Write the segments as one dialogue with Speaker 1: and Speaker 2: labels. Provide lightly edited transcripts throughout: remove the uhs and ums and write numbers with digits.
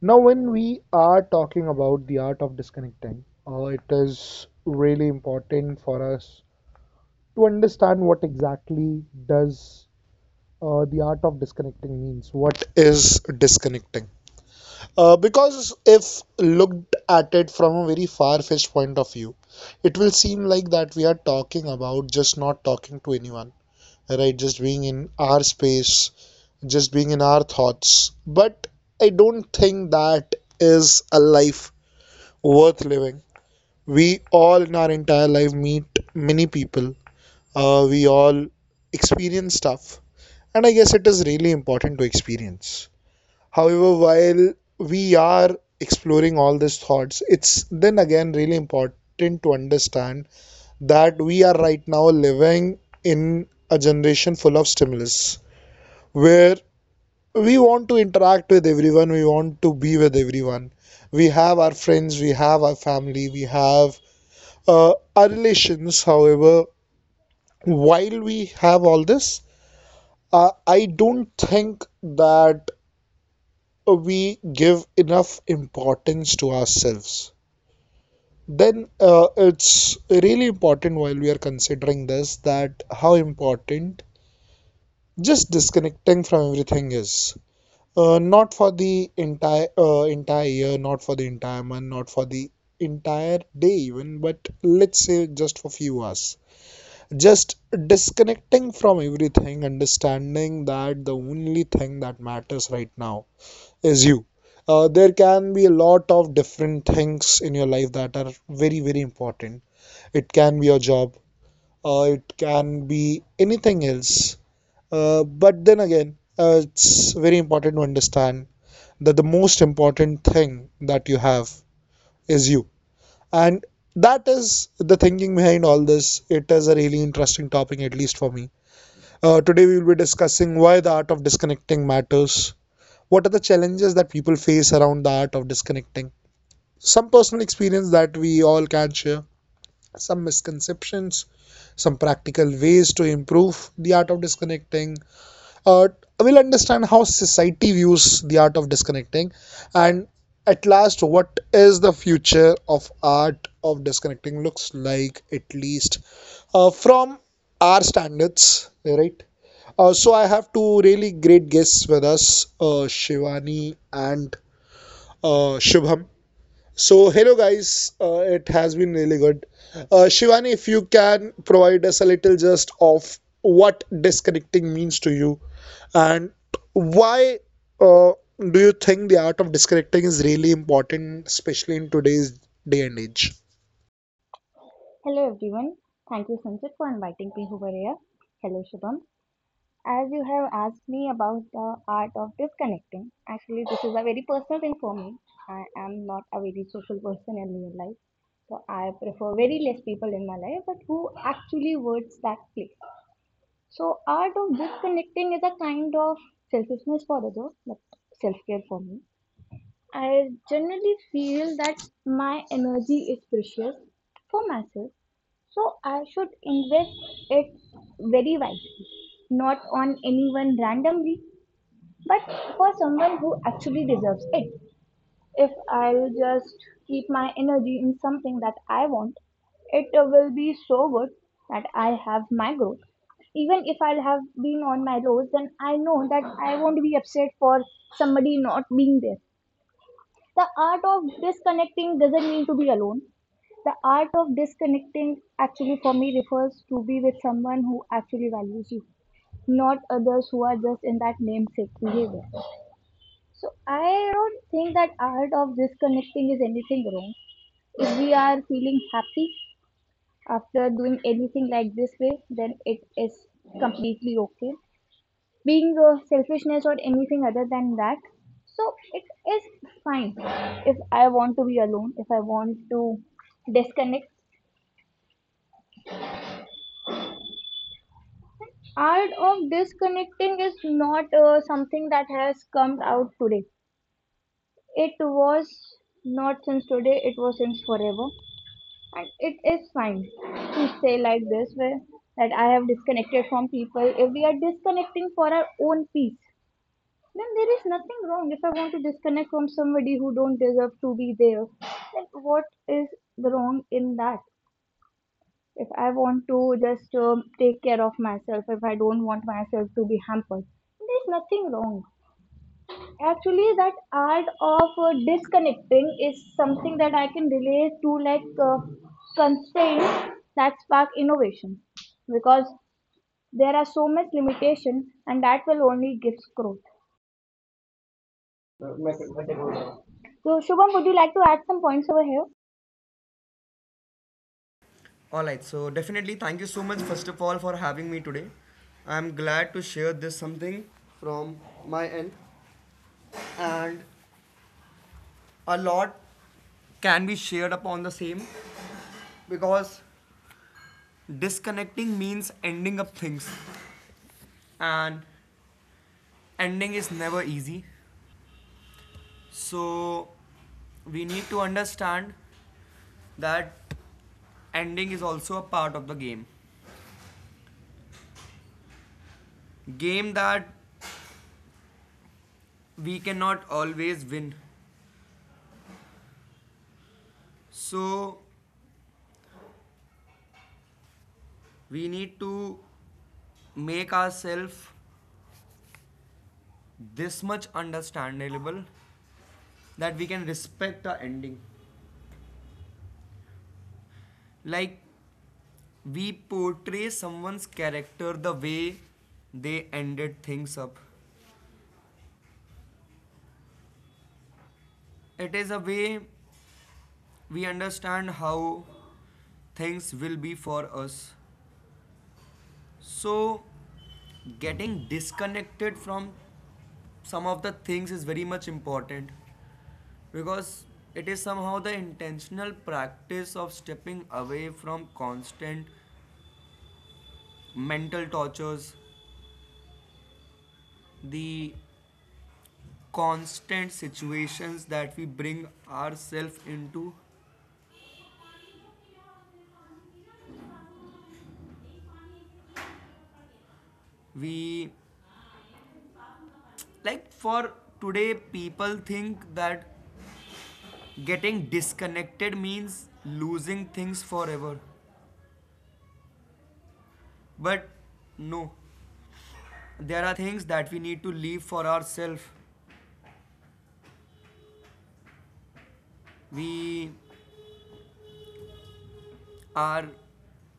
Speaker 1: Now, when we are talking about the art of disconnecting, it is really important for us to understand what exactly does the art of disconnecting means. What is disconnecting? Because if looked at it from a very far-fetched point of view, it will seem like that we are talking about just not talking to anyone, right? Just being in our space, just being in our thoughts. But I don't think that is a life worth living. We all in our entire life meet many people. We all experience stuff, and I guess it is really important to experience. However, while we are exploring all these thoughts, it's then again really important to understand that we are right now living in a generation full of stimulus where we want to interact with everyone, we want to be with everyone. We have our friends, we have our family, we have our relations. However, while we have all this, I don't think that we give enough importance to ourselves. Then it's really important while we are considering this that how important just disconnecting from everything is. Not for the entire entire year, not for the entire month, not for the entire day even, but let's say just for few hours, just disconnecting from everything, understanding that the only thing that matters right now is you. Uh, there can be a lot of different things in your life that are very, very important. It can be your job, it can be anything else, but then again, it's very important to understand that the most important thing that you have is you, and that is the thinking behind all this. It is a really interesting topic, at least for me. Today, we will be discussing why the art of disconnecting matters. What are the challenges that people face around the art of disconnecting? Some personal experience that we all can share, some misconceptions, some practical ways to improve the art of disconnecting. Uh, we'll understand how society views the art of disconnecting, and at last what is the future of art of disconnecting looks like, at least from our standards, right? So I have two really great guests with us, Shivani and Shubham. So hello guys, it has been really good. Shivani, if you can provide us a little just of what disconnecting means to you, and why uh, do you think the art of disconnecting is really important, especially in today's day and age?
Speaker 2: Hello everyone. Thank you Sanjit for inviting me over here. Hello Shubham. As you have asked me about the art of disconnecting, actually this is a very personal thing for me. I am not a very social person in real life. So I prefer very less people in my life but who actually words that place. So art of disconnecting is a kind of selfishness for other but self-care for me. I generally feel that my energy is precious for myself, so I should invest it very wisely, not on anyone randomly, but for someone who actually deserves it. If I'll just keep my energy in something that I want, it will be so good that I have my growth. Even if I'll have been on my lows, then I know that I won't be upset for somebody not being there. The art of disconnecting doesn't mean to be alone. The art of disconnecting actually for me refers to be with someone who actually values you, not others who are just in that namesake behavior. So I don't think that art of disconnecting is anything wrong. If we are feeling happy after doing anything like this way, then it is completely okay being selfishness or anything other than that. So it is fine if I want to be alone, if I want to disconnect. Art of disconnecting is not something that has come out today. It was not since today, it was since forever. And it is fine to say like this where, that I have disconnected from people. If we are disconnecting for our own peace, then there is nothing wrong. If I want to disconnect from somebody who don't deserve to be there, then what is the wrong in that? If I want to just take care of myself, if I don't want myself to be hampered, there's nothing wrong. Actually, that art of disconnecting is something that I can relate to, like constraints that spark innovation, because there are so much limitation, and that will only give growth. So, Shubham, would you like to add some points over here?
Speaker 3: All right, so definitely thank you so much first of all for having me today. I'm glad to share this something from my end and a lot can be shared upon the same because disconnecting means ending up things and ending is never easy. So we need to understand that ending is also a part of the game. Game that we cannot always win. So we need to make ourselves this much understandable that we can respect the ending. Like we portray someone's character the way they ended things up. It is a way we understand how things will be for us. So getting disconnected from some of the things is very much important because it is somehow the intentional practice of stepping away from constant mental tortures, the constant situations that we bring ourselves into. We like for today, people think that getting disconnected means losing things forever, but no, there are things that we need to leave for ourselves. We are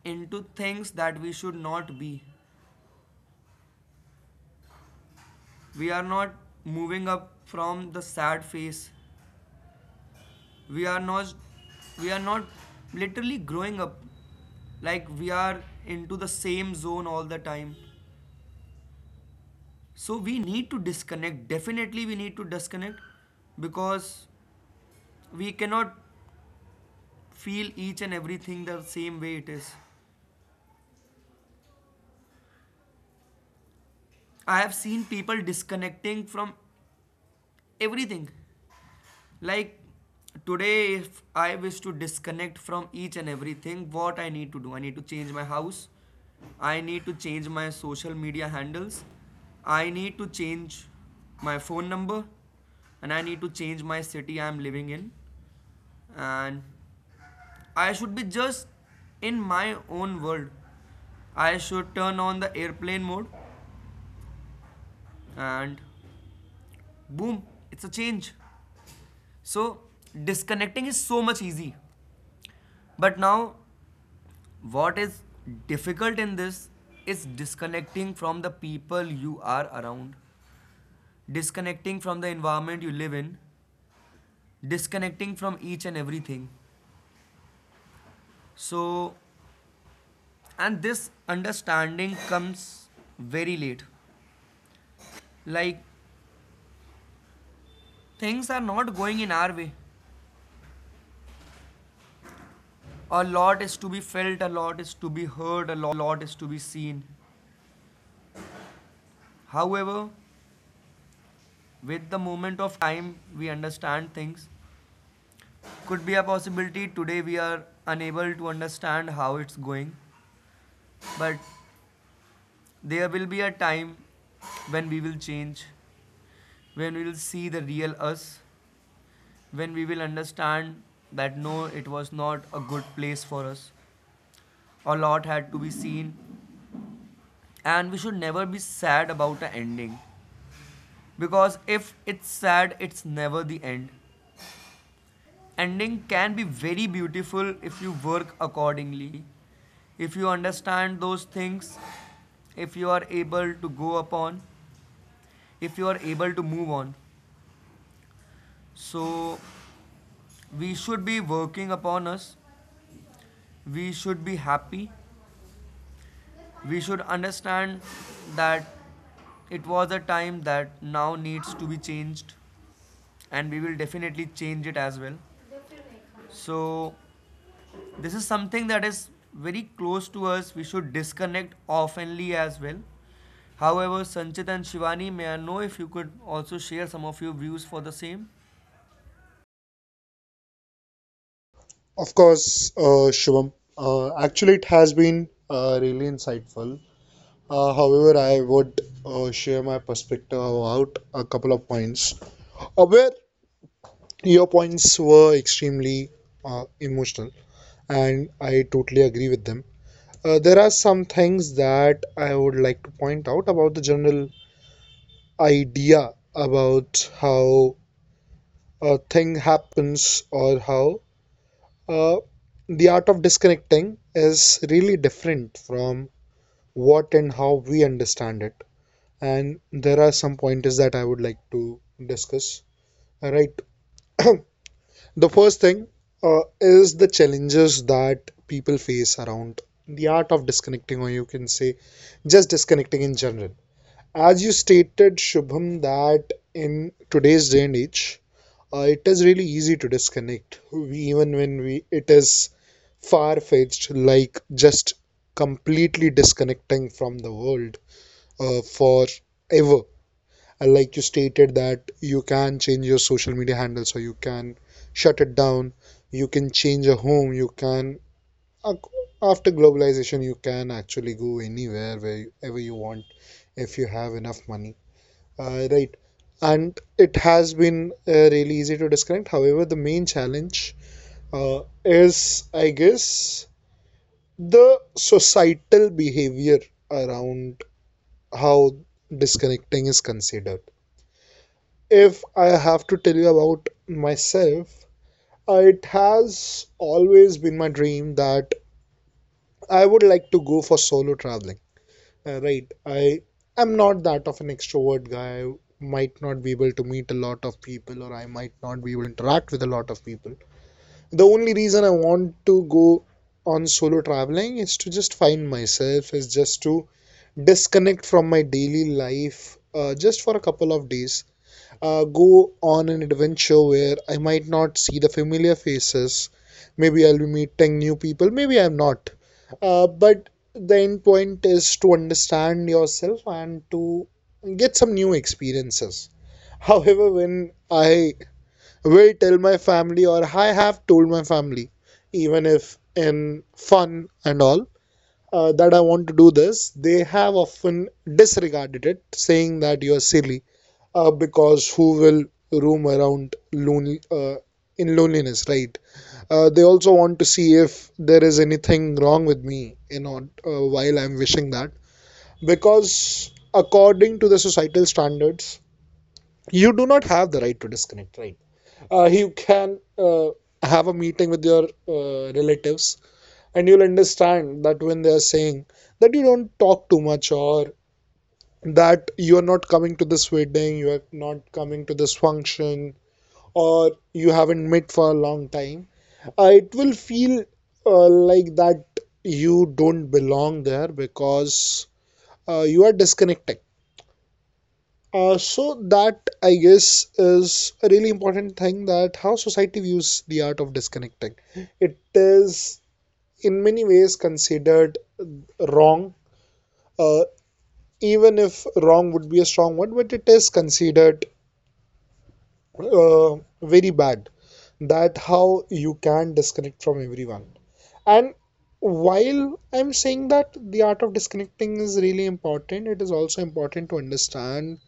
Speaker 3: into things that we should not be. We are not moving up from the sad phase. We are not literally growing up. Like, we are into the same zone all the time, so we need to disconnect. Definitely we need to disconnect, because we cannot feel each and everything the same way it is. I have seen people disconnecting from everything. Like, today if I wish to disconnect from each and everything, what I need to do? I need to change my house, I need to change my social media handles, I need to change my phone number, and I need to change my city I am living in, and I should be just in my own world. I should turn on the airplane mode and boom, it's a change. So disconnecting is so much easy. But now what is difficult in this is disconnecting from the people you are around, disconnecting from the environment you live in, disconnecting from each and everything. So, and this understanding comes very late. Like, things are not going in our way. A lot is to be felt, a lot is to be heard, a lot is to be seen. However, with the moment of time, we understand things could be a possibility. Today we are unable to understand how it's going, but there will be a time when we will change, when we will see the real us, when we will understand that no, it was not a good place for us. A lot had to be seen, and we should never be sad about the ending, because if it's sad, it's never the end. Ending can be very beautiful if you work accordingly, if you understand those things, if you are able to go upon, if you are able to move on. So we should be working upon us, we should be happy, we should understand that it was a time that now needs to be changed, and we will definitely change it as well. So, this is something that is very close to us. We should disconnect oftenly as well. However, Sanchit and Shivani, may I know if you could also share some of your views for the same?
Speaker 1: Of course, Shubham. Actually, it has been really insightful. However, I would share my perspective about a couple of points where your points were extremely emotional, and I totally agree with them. There are some things that I would like to point out about the general idea about how a thing happens or how uh, the art of disconnecting is really different from what and how we understand it, and there are some pointers that I would like to discuss. All right. The first thing is the challenges that people face around the art of disconnecting, or you can say just disconnecting in general. As you stated, Shubham, that in today's day and age, it is really easy to disconnect. Even when we, it is far-fetched, like just completely disconnecting from the world for ever And like you stated that you can change your social media handle, so you can shut it down, you can change a home, you can after globalization you can actually go anywhere wherever you want if you have enough money. Right. And it has been really easy to describe. However, the main challenge uh, is, I guess, the societal behavior around how disconnecting is considered. If I have to tell you about myself, it has always been my dream that I would like to go for solo traveling. Right, I am not that of an extrovert guy. I might not be able to meet a lot of people, or I might not be able to interact with a lot of people. The only reason I want to go on solo traveling is to just find myself, is just to disconnect from my daily life, just for a couple of days, go on an adventure where I might not see the familiar faces. Maybe I'll be meeting new people, maybe I'm not. But the end point is to understand yourself and to get some new experiences. However, when I will tell my family, or I have told my family, even if in fun and all, that I want to do this, they have often disregarded it, saying that you're silly because who will roam around lonely in loneliness, right? They also want to see if there is anything wrong with me, you know, while I'm wishing that. Because according to the societal standards, you do not have the right to disconnect, right? You can have a meeting with your relatives, and you'll understand that when they are saying that you don't talk too much, or that you are not coming to this wedding, you are not coming to this function, or you haven't met for a long time, it will feel like that you don't belong there because you are disconnecting. So that, I guess, is a really important thing, that how society views the art of disconnecting. It is in many ways considered wrong, uh, even if wrong would be a strong word, but it is considered uh, very bad, that how you can disconnect from everyone. And while I'm saying that the art of disconnecting is really important, it is also important to understand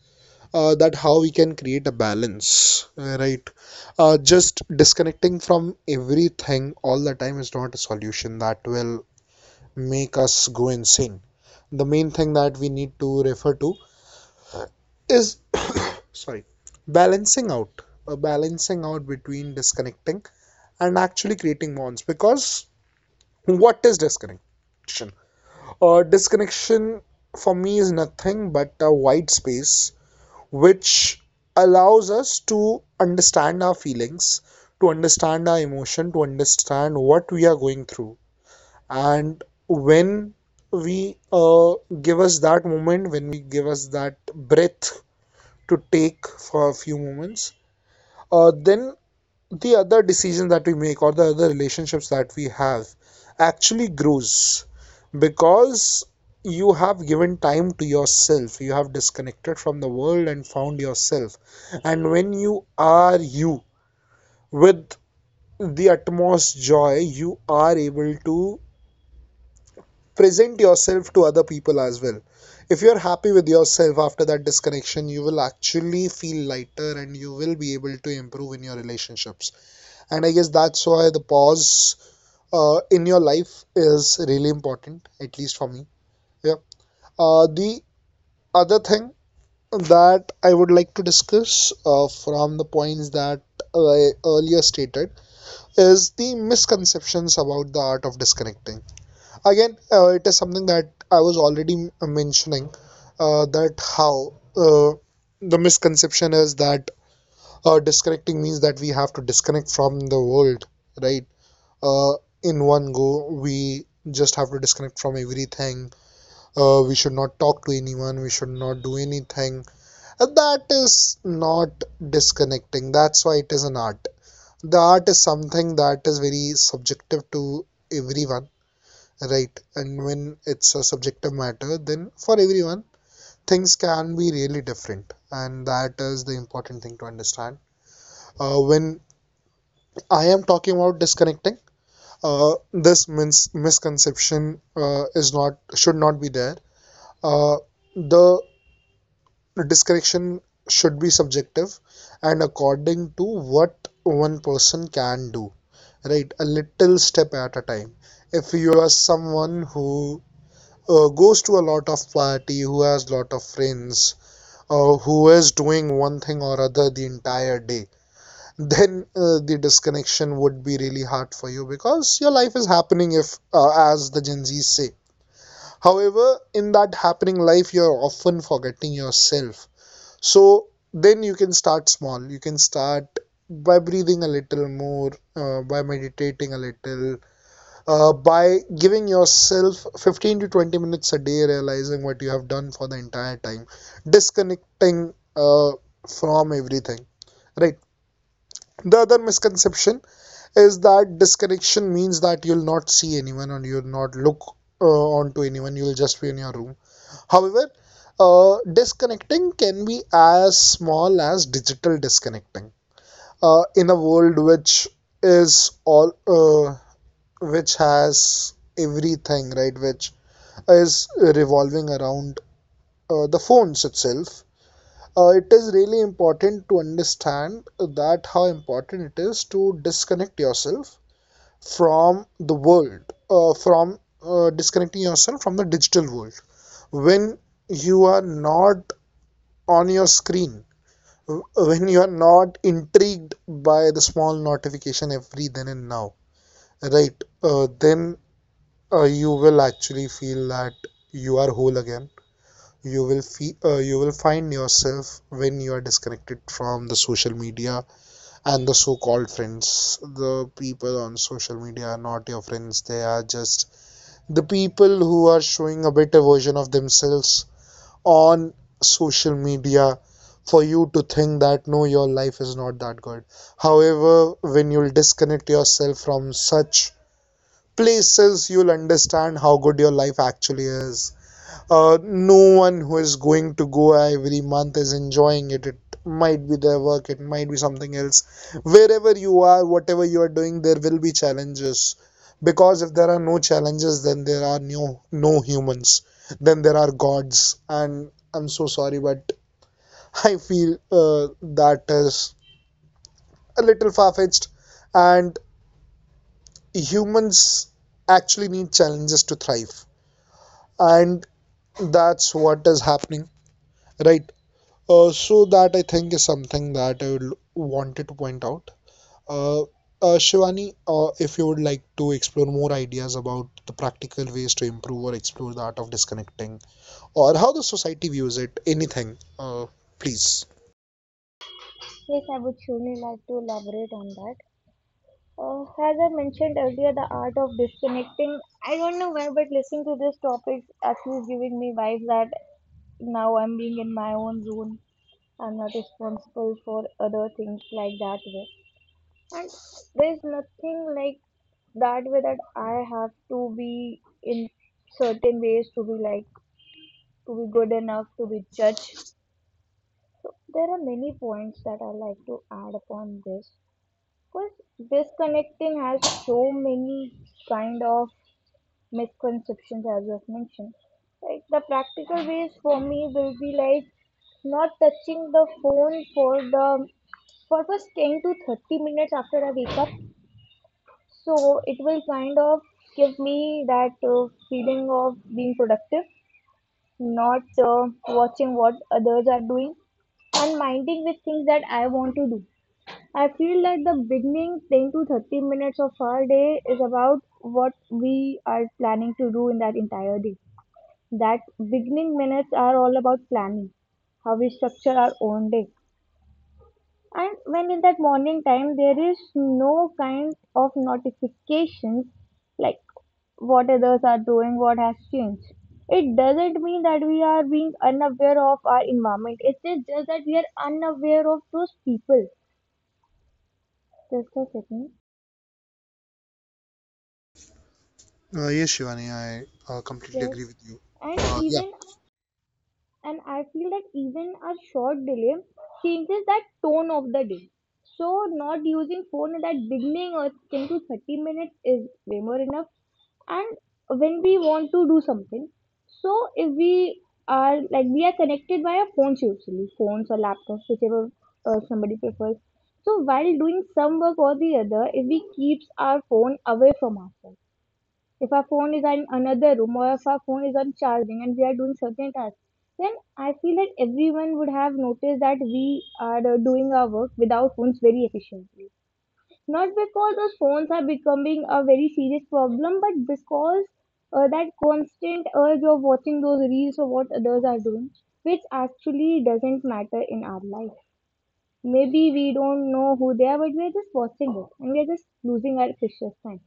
Speaker 1: that how we can create a balance, right? Just disconnecting from everything all the time is not a solution. That will make us go insane. The main thing that we need to refer to is, sorry, balancing out, a balancing out between disconnecting and actually creating bonds. Because what is disconnection? Disconnection for me is nothing but a white space which allows us to understand our feelings, to understand our emotion, to understand what we are going through. And when we give us that moment, when we give us that breath to take for a few moments, then the other decision that we make or the other relationships that we have actually grows, because you have given time to yourself, you have disconnected from the world and found yourself. And when you are you with the utmost joy, you are able to present yourself to other people as well. If you're happy with yourself after that disconnection, you will actually feel lighter and you will be able to improve in your relationships, and I guess that's why the pause in your life is really important, at least for me. Yeah. The other thing that I would like to discuss from the points that I earlier stated is the misconceptions about the art of disconnecting. Again, it is something that I was already mentioning that how the misconception is that disconnecting means that we have to disconnect from the world, right? uh, in one go. We just have to disconnect from everything. We should not talk to anyone. We should not do anything. That is not disconnecting. That's why it is an art. The art is something that is very subjective to everyone, right? And when it's a subjective matter, then for everyone, things can be really different. And that is the important thing to understand. When I am talking about disconnecting, this misconception is not, should not be there. Uh, the discretion should be subjective and according to what one person can do. Right, a little step at a time. If you are someone who goes to a lot of party, who has lot of friends, who is doing one thing or other the entire day, then the disconnection would be really hard for you because your life is happening if as the gen z's say. However, in that happening life, you're often forgetting yourself, so then you can start small. You can start by breathing a little more, by meditating a little, by giving yourself 15 to 20 minutes a day, realizing what you have done for the entire time, disconnecting from everything. Right, the other misconception is that disconnection means that you'll not see anyone and you'll not look uh, onto anyone, you'll just be in your room. However, disconnecting can be as small as digital disconnecting in a world which is all which has everything, right, which is revolving around the phones itself. It is really important to understand that how important it is to disconnect yourself from the world, from disconnecting yourself from the digital world. When you are not on your screen, when you are not intrigued by the small notification every then and now, right? Then you will actually feel that you are whole again. You will feel, you will find yourself when you are disconnected from the social media and the so-called friends. The people on social media are not your friends; they are just the people who are showing a better version of themselves on social media for you to think that no, your life is not that good. However, when you'll disconnect yourself from such places, you'll understand how good your life actually is. No one who is going to Goa every month is enjoying it. It might be their work, it might be something else. Wherever you are, whatever you are doing, there will be challenges. Because if there are no challenges, then there are no humans. Then there are gods. And I'm so sorry, but I feel that is a little far fetched. And humans actually need challenges to thrive. And that's what is happening, right? So that, I think, is something that I would wanted to point out. Shivani, if you would like to explore more ideas about the practical ways to improve or explore the art of disconnecting or how the society views it, anything, please.
Speaker 2: Yes, I would surely like to elaborate on that. As I mentioned earlier, the art of disconnecting. I don't know why, but listening to this topic actually is giving me vibes that now I'm being in my own zone. I'm not responsible for other things like that way. And there's nothing like that way that I have to be in certain ways to be like to be good enough to be judged. So there are many points that I like to add upon this. Because disconnecting has so many kind of misconceptions as you have mentioned. Like the practical ways for me will be like not touching the phone for the for first 10 to 30 minutes after I wake up. So it will kind of give me that feeling of being productive, not watching what others are doing and minding with things that I want to do. I feel like the beginning 10 to 30 minutes of our day is about what we are planning to do in that entire day. That beginning minutes are all about planning, how we structure our own day. And when in that morning time, there is no kind of notifications like what others are doing, what has changed. It doesn't mean that we are being unaware of our environment. It is just that we are unaware of those people. Just a second.
Speaker 1: Yes, Shivani, I completely
Speaker 2: Yes.
Speaker 1: agree with you.
Speaker 2: And
Speaker 1: Yeah,
Speaker 2: even, and I feel that even a short delay changes that tone of the day. So not using phone at that beginning or 10 to 30 minutes is way more enough. And when we want to do something, so if we are like we are connected via phones, usually phones or laptops, whichever somebody prefers, so while doing some work or the other, if we keeps our phone away from ourselves, if our phone is in another room or if our phone is on charging and we are doing certain tasks, then I feel that everyone would have noticed that we are doing our work without phones very efficiently. Not because those phones are becoming a very serious problem, but because that constant urge of watching those reels of what others are doing, which actually doesn't matter in our life. Maybe we don't know who they are, but we are just watching it and we are just losing our precious time.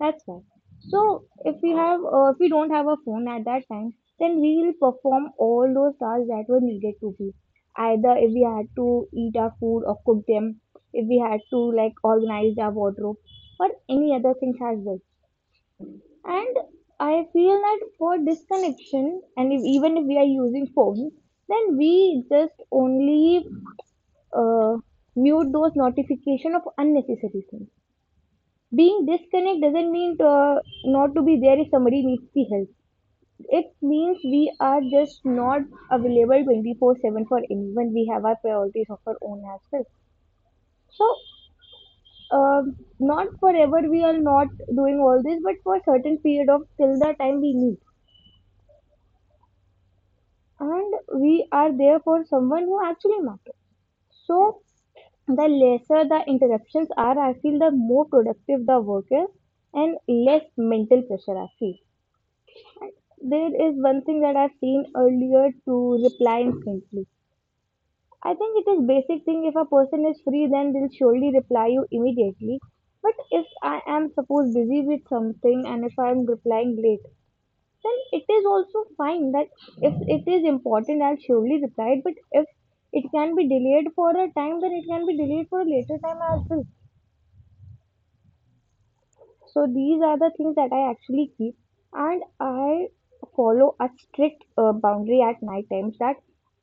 Speaker 2: That's why. So if we have, if we don't have a phone at that time, then we will perform all those tasks that were needed to be. Either if we had to eat our food or cook them, if we had to like organize our wardrobe or any other things as well. And I feel that for disconnection, and if, even if we are using phones, then we just only uh, mute those notification of unnecessary things. Being disconnect doesn't mean to, not to be there if somebody needs the help. It means we are just not available 24/7 for anyone. We have our priorities of our own as well. So, um not forever we are not doing all this, but for a certain period of till the time we need, and we are there for someone who actually matters. So the lesser the interruptions are, I feel the more productive the work is and less mental pressure I feel. There is one thing that I've seen earlier to reply instantly. I think it is basic thing if a person is free then they'll surely reply you immediately. But if I am suppose busy with something and if I'm replying late, then it is also fine that if it is important I'll surely reply it, but if it can be delayed for a time then it can be delayed for a later time as well. So these are the things that I actually keep, and I follow a strict boundary at night times that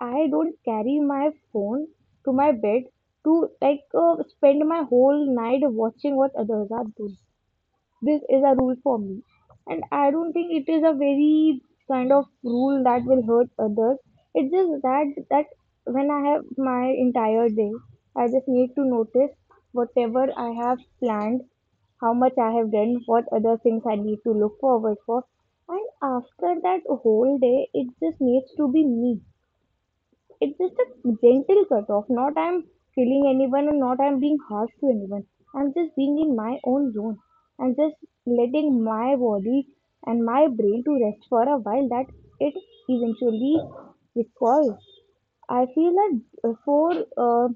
Speaker 2: I don't carry my phone to my bed to like spend my whole night watching what others are doing. This is a rule for me and I don't think it is a very kind of rule that will hurt others. It's just that that when I have my entire day I just need to notice whatever I have planned, how much I have done, what other things I need to look forward for, and after that whole day it just needs to be me. It's just a gentle cut off. Not I'm killing anyone and not I'm being harsh to anyone. I'm just being in my own zone and just letting my body and my brain to rest for a while that it eventually recalls. I feel that before uh,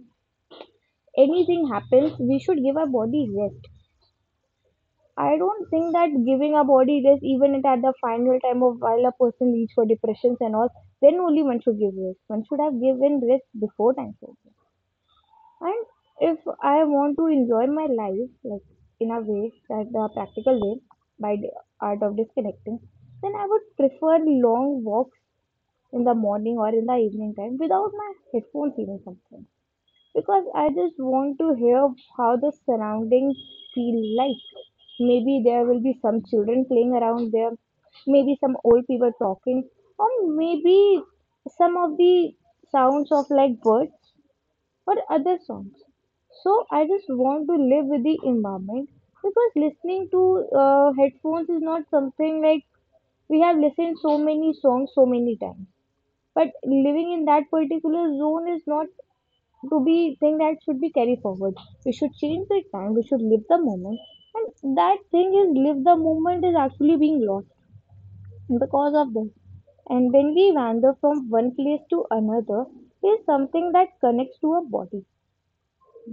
Speaker 2: anything happens, we should give our body rest. I don't think that giving a body rest, even at the final time of while a person leads for depressions and all, then only one should give rest. One should have given rest before time. So. And if I want to enjoy my life, like in a way that the practical way by the art of disconnecting, then I would prefer long walks in the morning or in the evening time without my headphones even sometimes. Because I just want to hear how the surroundings feel like. Maybe there will be some children playing around there, maybe some old people talking, or maybe some of the sounds of like birds or other songs. So I just want to live with the environment because listening to headphones is not something like we have listened so many songs so many times. But living in that particular zone is not to be thing that should be carried forward. We should change the time. We should live the moment. And that thing is live the moment is actually being lost because of this. And when we wander from one place to another, is something that connects to our body,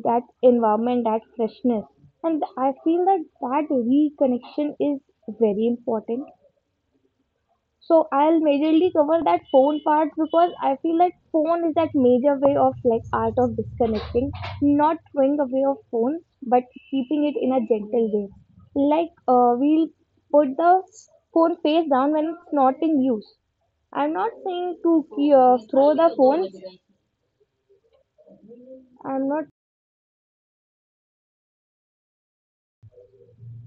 Speaker 2: that environment, that freshness. And I feel that that reconnection is very important. So I'll majorly cover that phone part because I feel like phone is that major way of like art of disconnecting, not throwing away of phone, but keeping it in a gentle way. Like we'll put the phone face down when it's not in use. I'm not saying to throw the phone. I'm not.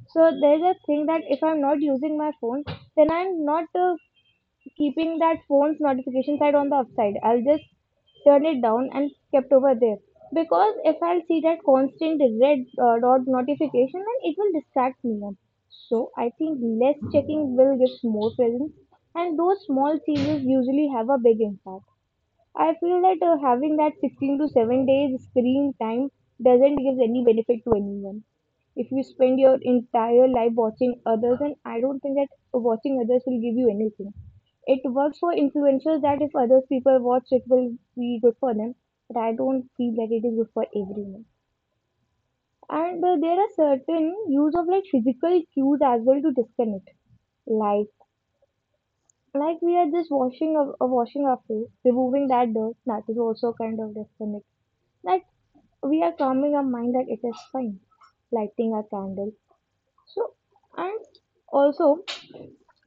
Speaker 2: So there's a thing that if I'm not using my phone, then I'm not keeping that phone's notification side on the upside. I'll just turn it down and kept over there because if I'll see that constant red dot notification, then it will distract me. More. So I think less checking will give more presence, and those small changes usually have a big impact. I feel that having that 16 to 7 days screen time doesn't give any benefit to anyone. If you spend your entire life watching others, and I don't think that watching others will give you anything. It works for influencers that if other people watch, it will be good for them. But I don't feel that it is good for everyone. And there are certain use of like physical cues as well to disconnect. Like like we are just washing a washing our face, removing that dirt. That is also kind of disconnect. Like we are calming our mind that it is fine, lighting a candle. So and also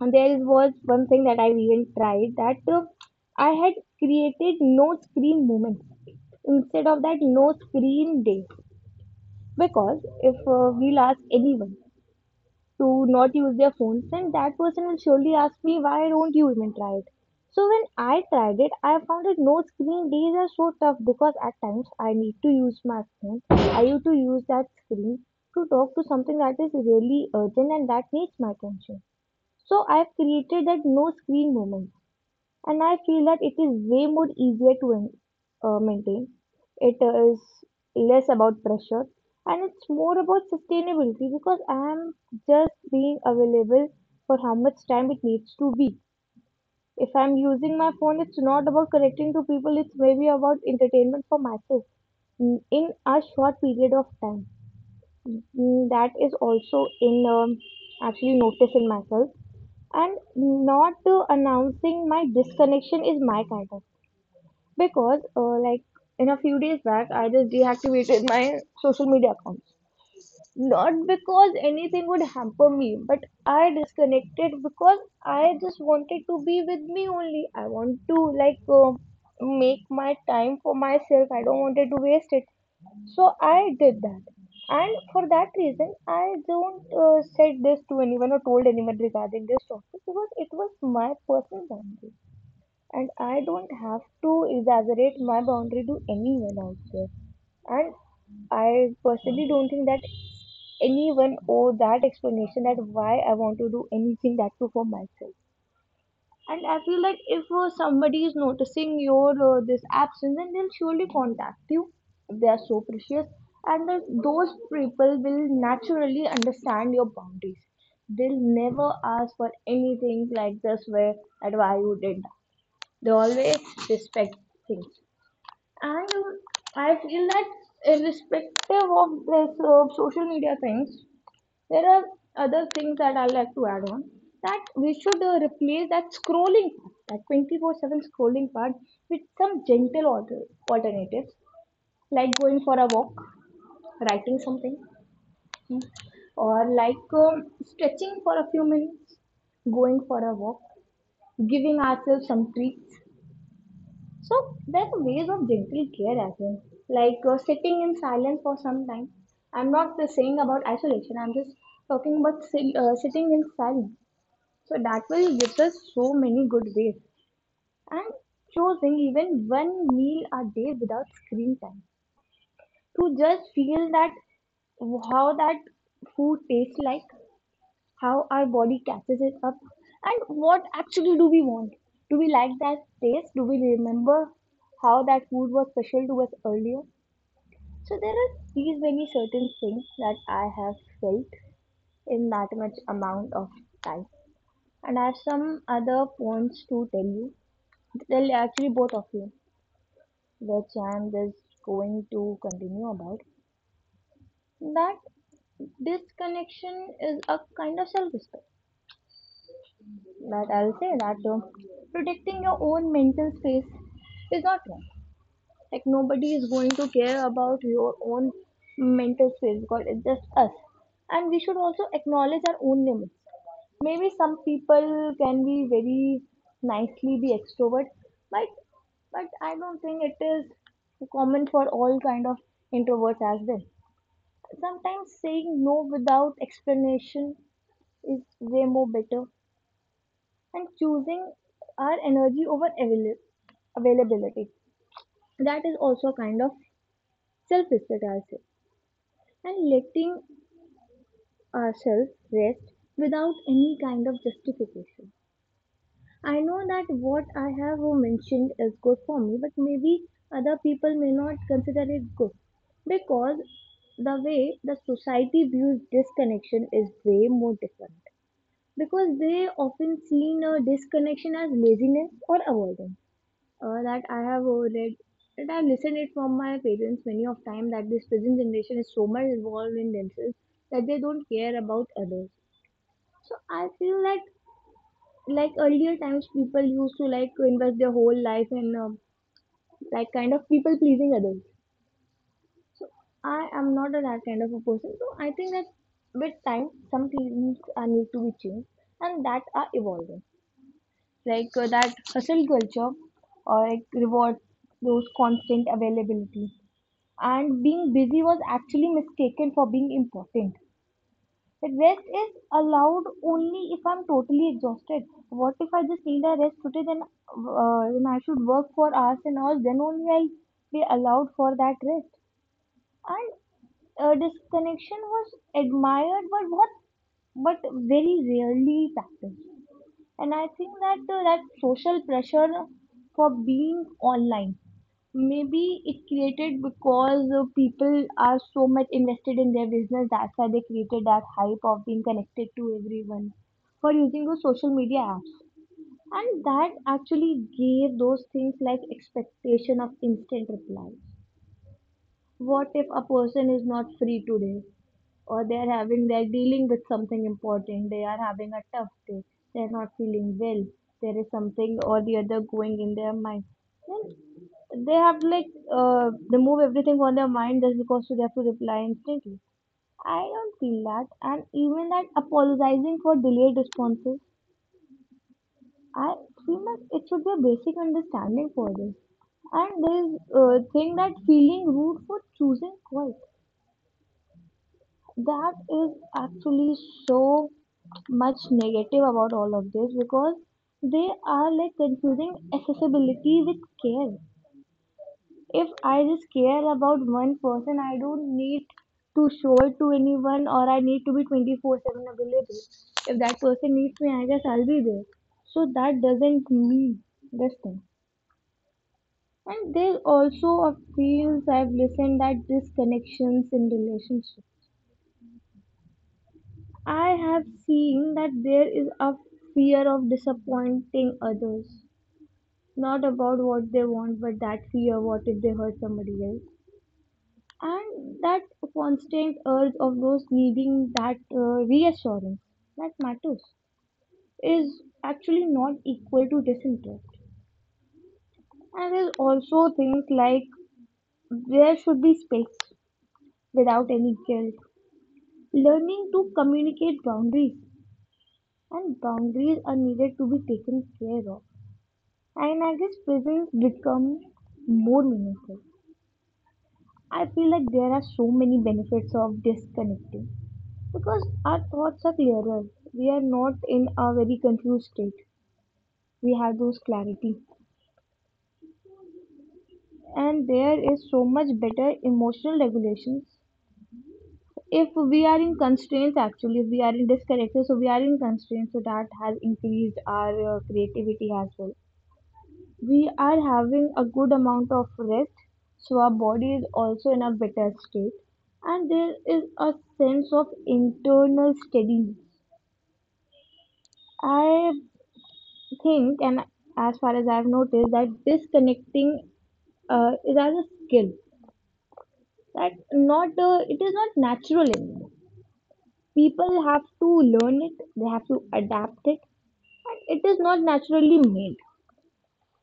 Speaker 2: and there is was one thing that I even tried that I had created no screen moments instead of that no screen day because if we'll ask anyone to not use their phones, then that person will surely ask me, why don't you even try it? So when I tried it, I found that no screen days are so tough because at times I need to use my phone. I need to use that screen to talk to something that is really urgent and that needs my attention. So I've created that no screen moment and I feel that it is way more easier to maintain. It is less about pressure and it's more about sustainability because I am just being available for how much time it needs to be. If I'm using my phone, it's not about connecting to people, it's maybe about entertainment for myself in a short period of time. That is also in actually noticing myself and not announcing my disconnection is my kind of because like in a few days back I just deactivated my social media account, not because anything would hamper me, but I disconnected because I just wanted to be with me only. I want to like make my time for myself. I don't wanted to waste it, so I did that. And for that reason I don't said this to anyone or told anyone regarding this topic because it was my personal boundary and I don't have to exaggerate my boundary to anyone out there. And I personally don't think that anyone owe that explanation that why I want to do anything, that too for myself. And I feel like if somebody is noticing your this absence, then they'll surely contact you. They are so precious, and that those people will naturally understand your boundaries. They'll never ask for anything like this, where that why you did that. They always respect things. And I feel that irrespective of this social media things, there are other things that I like to add on, that we should replace that scrolling part, that 24/7 scrolling part with some gentle alternatives like going for a walk, writing something, hmm, or like stretching for a few minutes, going for a walk, giving ourselves some treats. So there's a ways of gentle care as well, like sitting in silence for some time. I'm not just saying about isolation. I'm just talking about sitting in silence. So that will gives us so many good ways, and choosing even one meal a day without screen time to just feel that how that food tastes, like how our body catches it up and what actually do we want, do we like that taste, do we remember how that food was special to us earlier. So there are these many certain things that I have felt in that much amount of time, and I have some other points to tell you, tell actually both of you, which I am just going to continue about, that this connection is a kind of self-respect. But I'll say that protecting your own mental space is not wrong. Like nobody is going to care about your own mental space because it's just us. And we should also acknowledge our own limits. Maybe some people can be very nicely be extrovert, but I don't think it is common for all kind of introverts as well. Sometimes saying no without explanation is way more better, and choosing our energy over availability. That is also a kind of self respect, I say, and letting ourselves rest without any kind of justification. I know that what I have mentioned is good for me, but maybe other people may not consider it good because the way the society views disconnection is way more different, because they often seen a disconnection as laziness or avoidance, that I have read, that I have listened it from my parents many of time, that this present generation is so much involved in themselves that they don't care about others. So I feel that like earlier times people used to like invest their whole life in like kind of people pleasing others. So I am not a that kind of a person. So I think that with time some things are need to be changed and that are evolving. Like that hustle culture like rewards those constant availability, and being busy was actually mistaken for being important, that rest is allowed only if I'm totally exhausted. What if I just need a rest today? Then then I should work for hours and hours, then only I'll be allowed for that rest. And disconnection was admired but what but very rarely practiced. And I think that that social pressure for being online, maybe it created because people are so much invested in their business, that's why they created that hype of being connected to everyone for using those social media apps. And that actually gave those things like expectation of instant replies. What if a person is not free today, or they're having, they're dealing with something important, they are having a tough day, they're not feeling well, there is something or the other going in their mind, then they have like they move everything on their mind just because they have to reply instantly. I don't feel that. And even that apologizing for delayed responses, I feel that it should be a basic understanding for this. And there is a thing that feeling rude for choosing quiet. That is actually so much negative about all of this, because they are like confusing accessibility with care. If I just care about one person, I don't need to show it to anyone, or I need to be 24/7 available. If that person needs me, I guess I'll be there. So that doesn't mean this thing. And there's also a feels I've listened that disconnections in relationships, I have seen that there is a fear of disappointing others. Not about what they want, but that fear, what if they hurt somebody else? And that constant urge of those needing that reassurance that matters is actually not equal to disinterest. And there's also things like there should be space without any guilt. Learning to communicate boundaries, and boundaries are needed to be taken care of. And I guess prisons become more meaningful. I feel like there are so many benefits of disconnecting because our thoughts are clearer. We are not in a very confused state. We have those clarity. And there is so much better emotional regulations. If we are in constraints, actually, if we are in disconnected, so we are in constraints, so that has increased our creativity as well. We are having a good amount of rest, so our body is also in a better state, and there is a sense of internal steadiness, I think. And as far as I've noticed, that disconnecting is as a skill that not it is not natural anymore. People have to learn it, they have to adapt it, and it is not naturally made.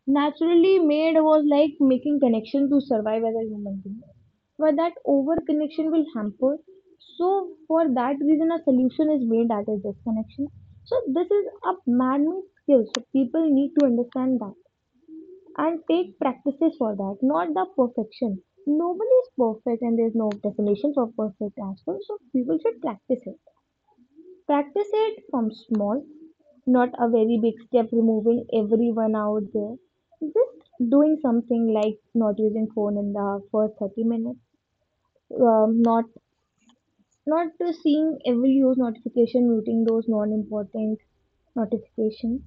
Speaker 2: Naturally made was like making connection to survive as a human being, but that over connection will hamper. So for that reason a solution is made, that is disconnection. So this is a man-made skill, so people need to understand that and take practices for that, not the perfection. Nobody is perfect and there's no definition for perfect as well, so people should practice it. Practice it from small, not a very big step, removing everyone out there. Just doing something like not using phone in the first 30 minutes, not not seeing every use notification, muting those non-important notifications,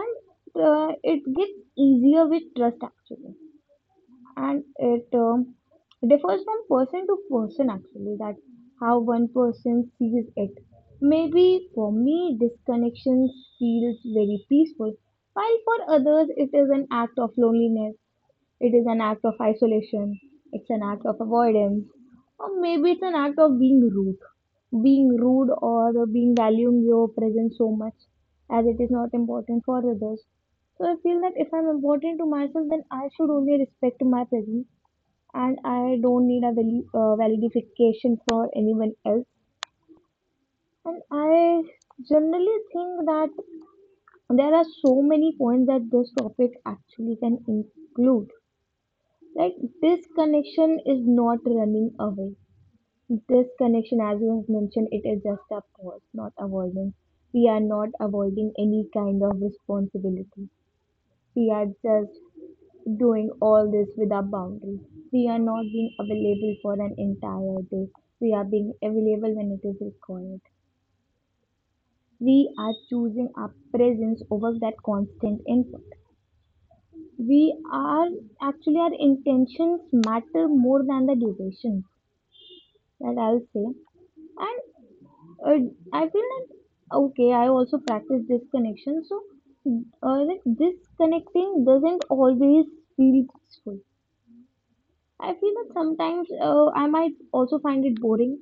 Speaker 2: and it gets easier with trust actually, and it differs from person to person actually, that how one person sees it. Maybe for me disconnection feels very peaceful, while for others it is an act of loneliness, it is an act of isolation, it's an act of avoidance, or maybe it's an act of being rude. Being rude or being valuing your presence so much as it is not important for others. So I feel that if I'm important to myself, then I should only respect my presence and I don't need a validification for anyone else. And I generally think that there are so many points that this topic actually can include, like this connection is not running away. This connection, as you have mentioned, it is just a pause, not avoidance. We are not avoiding any kind of responsibility, we are just doing all this without boundaries. We are not being available for an entire day, we are being available when it is required. We are choosing our presence over that constant input. We are actually, our intentions matter more than the duration, that I'll say. And I feel that okay, I also practice disconnection. So like disconnecting doesn't always feel peaceful. I feel that sometimes I might also find it boring.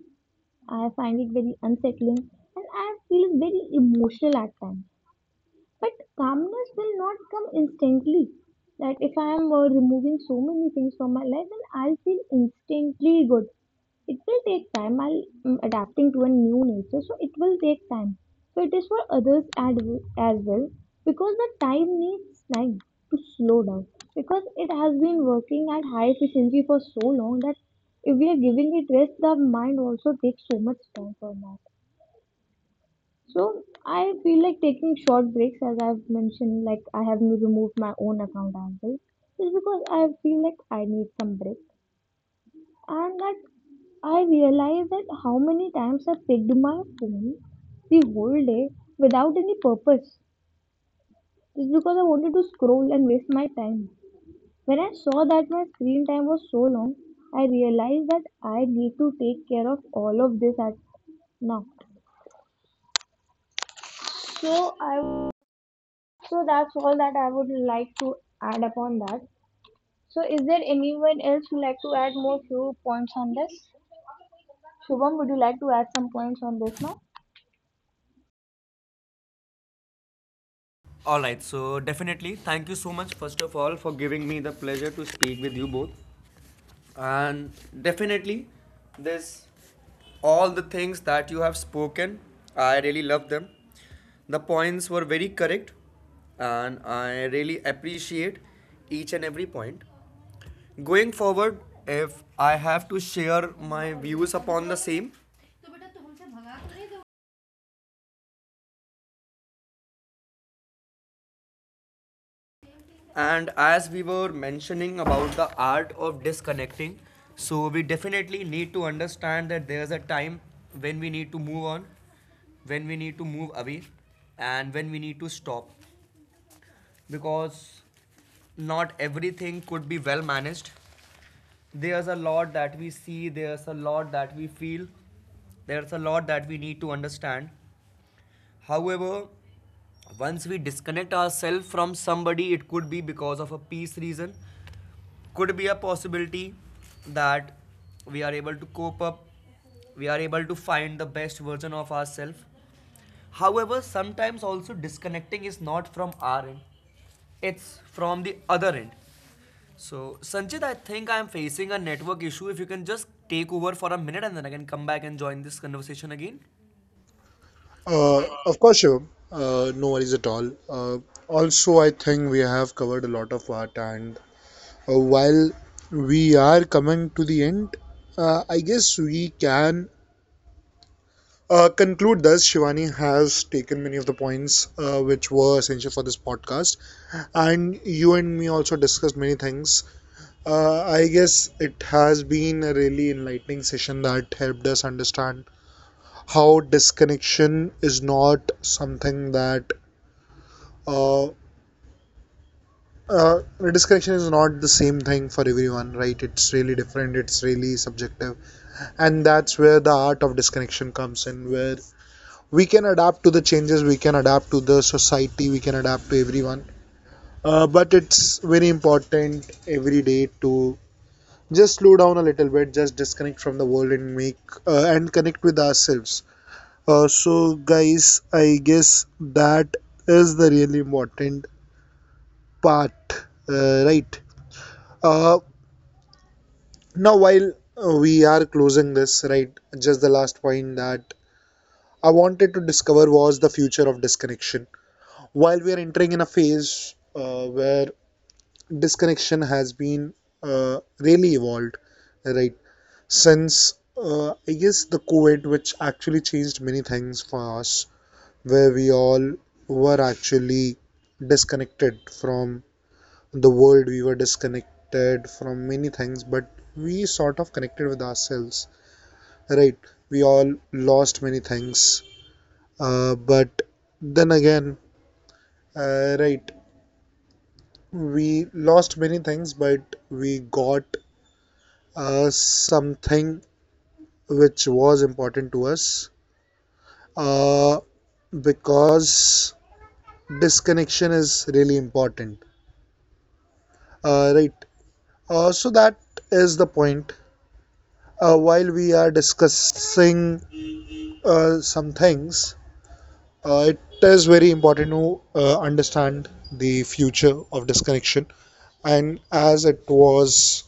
Speaker 2: I find it very unsettling, and I feel very emotional at times, but calmness will not come instantly. That if I am removing so many things from my life, then I'll feel instantly good. It will take time. I'll adapting to a new nature, so it will take time. So it is for others as well, because the time needs time to slow down, because it has been working at high efficiency for so long that if we are giving it rest, the mind also takes so much time for now. So I feel like taking short breaks, as I've mentioned, like I have removed my own account as well, is because I feel like I need some break. And that I realize that how many times I picked my phone the whole day without any purpose, just because I wanted to scroll and waste my time. When I saw that my screen time was so long, I realized that I need to take care of all of this at now. So I So that's all that I would like to add upon that. So is there anyone else who would like to add more few points on this? Shubham, would you like to add some points on this now?
Speaker 3: All right, so definitely, thank you so much, first of all, for giving me the pleasure to speak with you both. And definitely this all the things that you have spoken, I really love them. The points were very correct and I really appreciate each and every point. Going forward, if I have to share my views upon the same. And as we were mentioning about the art of disconnecting, so we definitely need to understand that there's a time when we need to move on, when we need to move away, and when we need to stop. Because not everything could be well managed. There's a lot that we see, there's a lot that we feel, there's a lot that we need to understand. However, once we disconnect ourselves from somebody, it could be because of a peace reason, could be a possibility that we are able to cope up, we are able to find the best version of ourselves. However, sometimes also disconnecting is not from our end, it's from the other end. So, Sanjit, I think I am facing a network issue. If you can just take over for a minute and then I can come back and join this conversation again.
Speaker 1: of course, Shivam. No worries at all. Also, I think we have covered a lot of art. And while we are coming to the end, I guess we can conclude this. Shivani has taken many of the points which were essential for this podcast, and you and me also discussed many things. I guess it has been a really enlightening session that helped us understand how disconnection is not something that uh, uh, disconnection is not the same thing for everyone, right? It's really different, it's really subjective, and that's where the art of disconnection comes in, where we can adapt to the changes, we can adapt to the society, we can adapt to everyone, but it's very important every day to just slow down a little bit, just disconnect from the world and make and connect with ourselves. So guys, I guess that is the really important part. Right. uh, Now, while we are closing this, right, just the last point that I wanted to discover was the future of disconnection. While we are entering in a phase where disconnection has been really evolved, right? Since I guess the COVID, which actually changed many things for us, where we all were actually disconnected from the world, we were disconnected from many things, but we sort of connected with ourselves, right? We all lost many things, but then again right. We lost many things, but we got something which was important to us uh, because disconnection is really important. Right. So that is the point. While we are discussing some things, it is very important to understand the future of disconnection, and as it was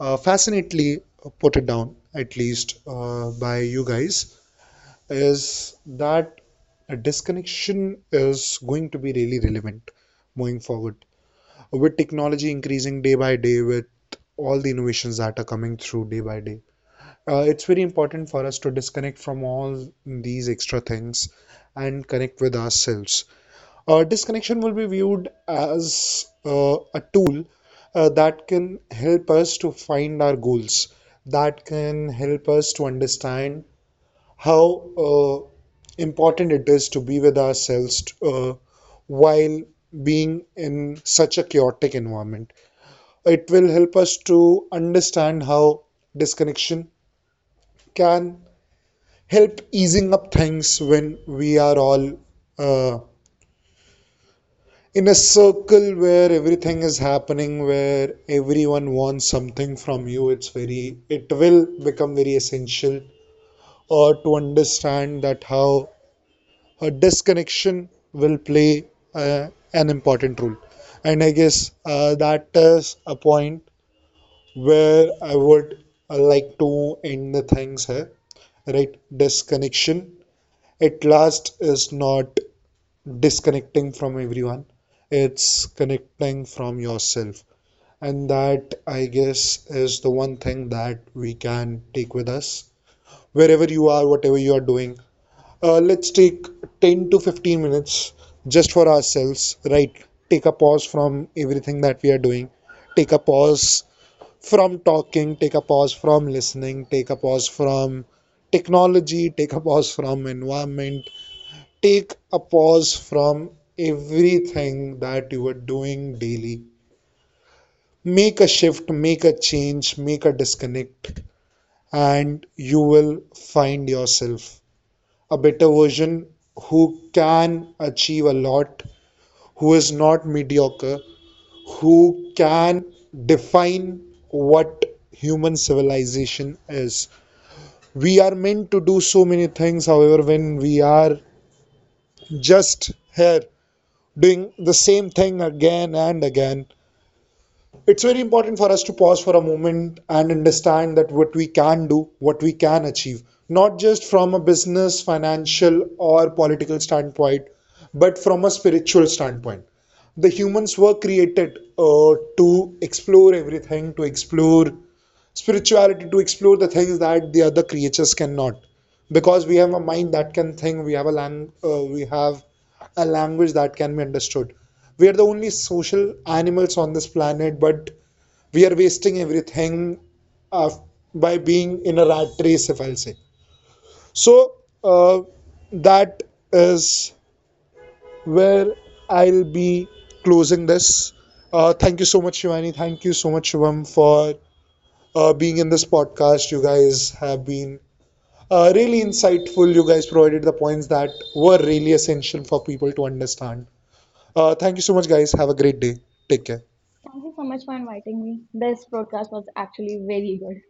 Speaker 1: fascinately put it down, at least by you guys, is that a disconnection is going to be really relevant moving forward. With technology increasing day by day, with all the innovations that are coming through day by day, it's very important for us to disconnect from all these extra things and connect with ourselves. Disconnection will be viewed as a tool that can help us to find our goals, that can help us to understand how uh, important it is to be with ourselves while being in such a chaotic environment. It will help us to understand how disconnection can help easing up things when we are all uh, in a circle where everything is happening, where everyone wants something from you. It's very it will become very essential or to understand that how a disconnection will play an important role. And I guess that is a point where I would like to end the things here, right? Disconnection at last is not disconnecting from everyone, it's connecting from yourself. And that, I guess, is the one thing that we can take with us. Wherever you are, whatever you are doing, let's take 10 to 15 minutes just for ourselves, right? Take a pause from everything that we are doing. Take a pause from talking. Take a pause from listening. Take a pause from technology. Take a pause from environment. Take a pause from everything that you are doing daily. Make a shift, make a change, make a disconnect, and you will find yourself a better version who can achieve a lot, who is not mediocre, who can define what human civilization is. We are meant to do so many things, however, when we are just here doing the same thing again and again, it's very important for us to pause for a moment and understand that what we can do, what we can achieve, not just from a business, financial, or political standpoint, but from a spiritual standpoint. The humans were created to explore everything, to explore spirituality, to explore the things that the other creatures cannot. Because we have a mind that can think, we have we have a language that can be understood. We are the only social animals on this planet, but we are wasting everything uh, by being in a rat race, if I'll say so. uh, that is where I'll be closing this. Thank you so much, Shivani. Thank you so much, Shivam, for being in this podcast. You guys have been really insightful. You guys provided the points that were really essential for people to understand. Thank you so much, guys. Have a great day. Take care.
Speaker 2: Thank you so much for inviting me. This broadcast was actually very good.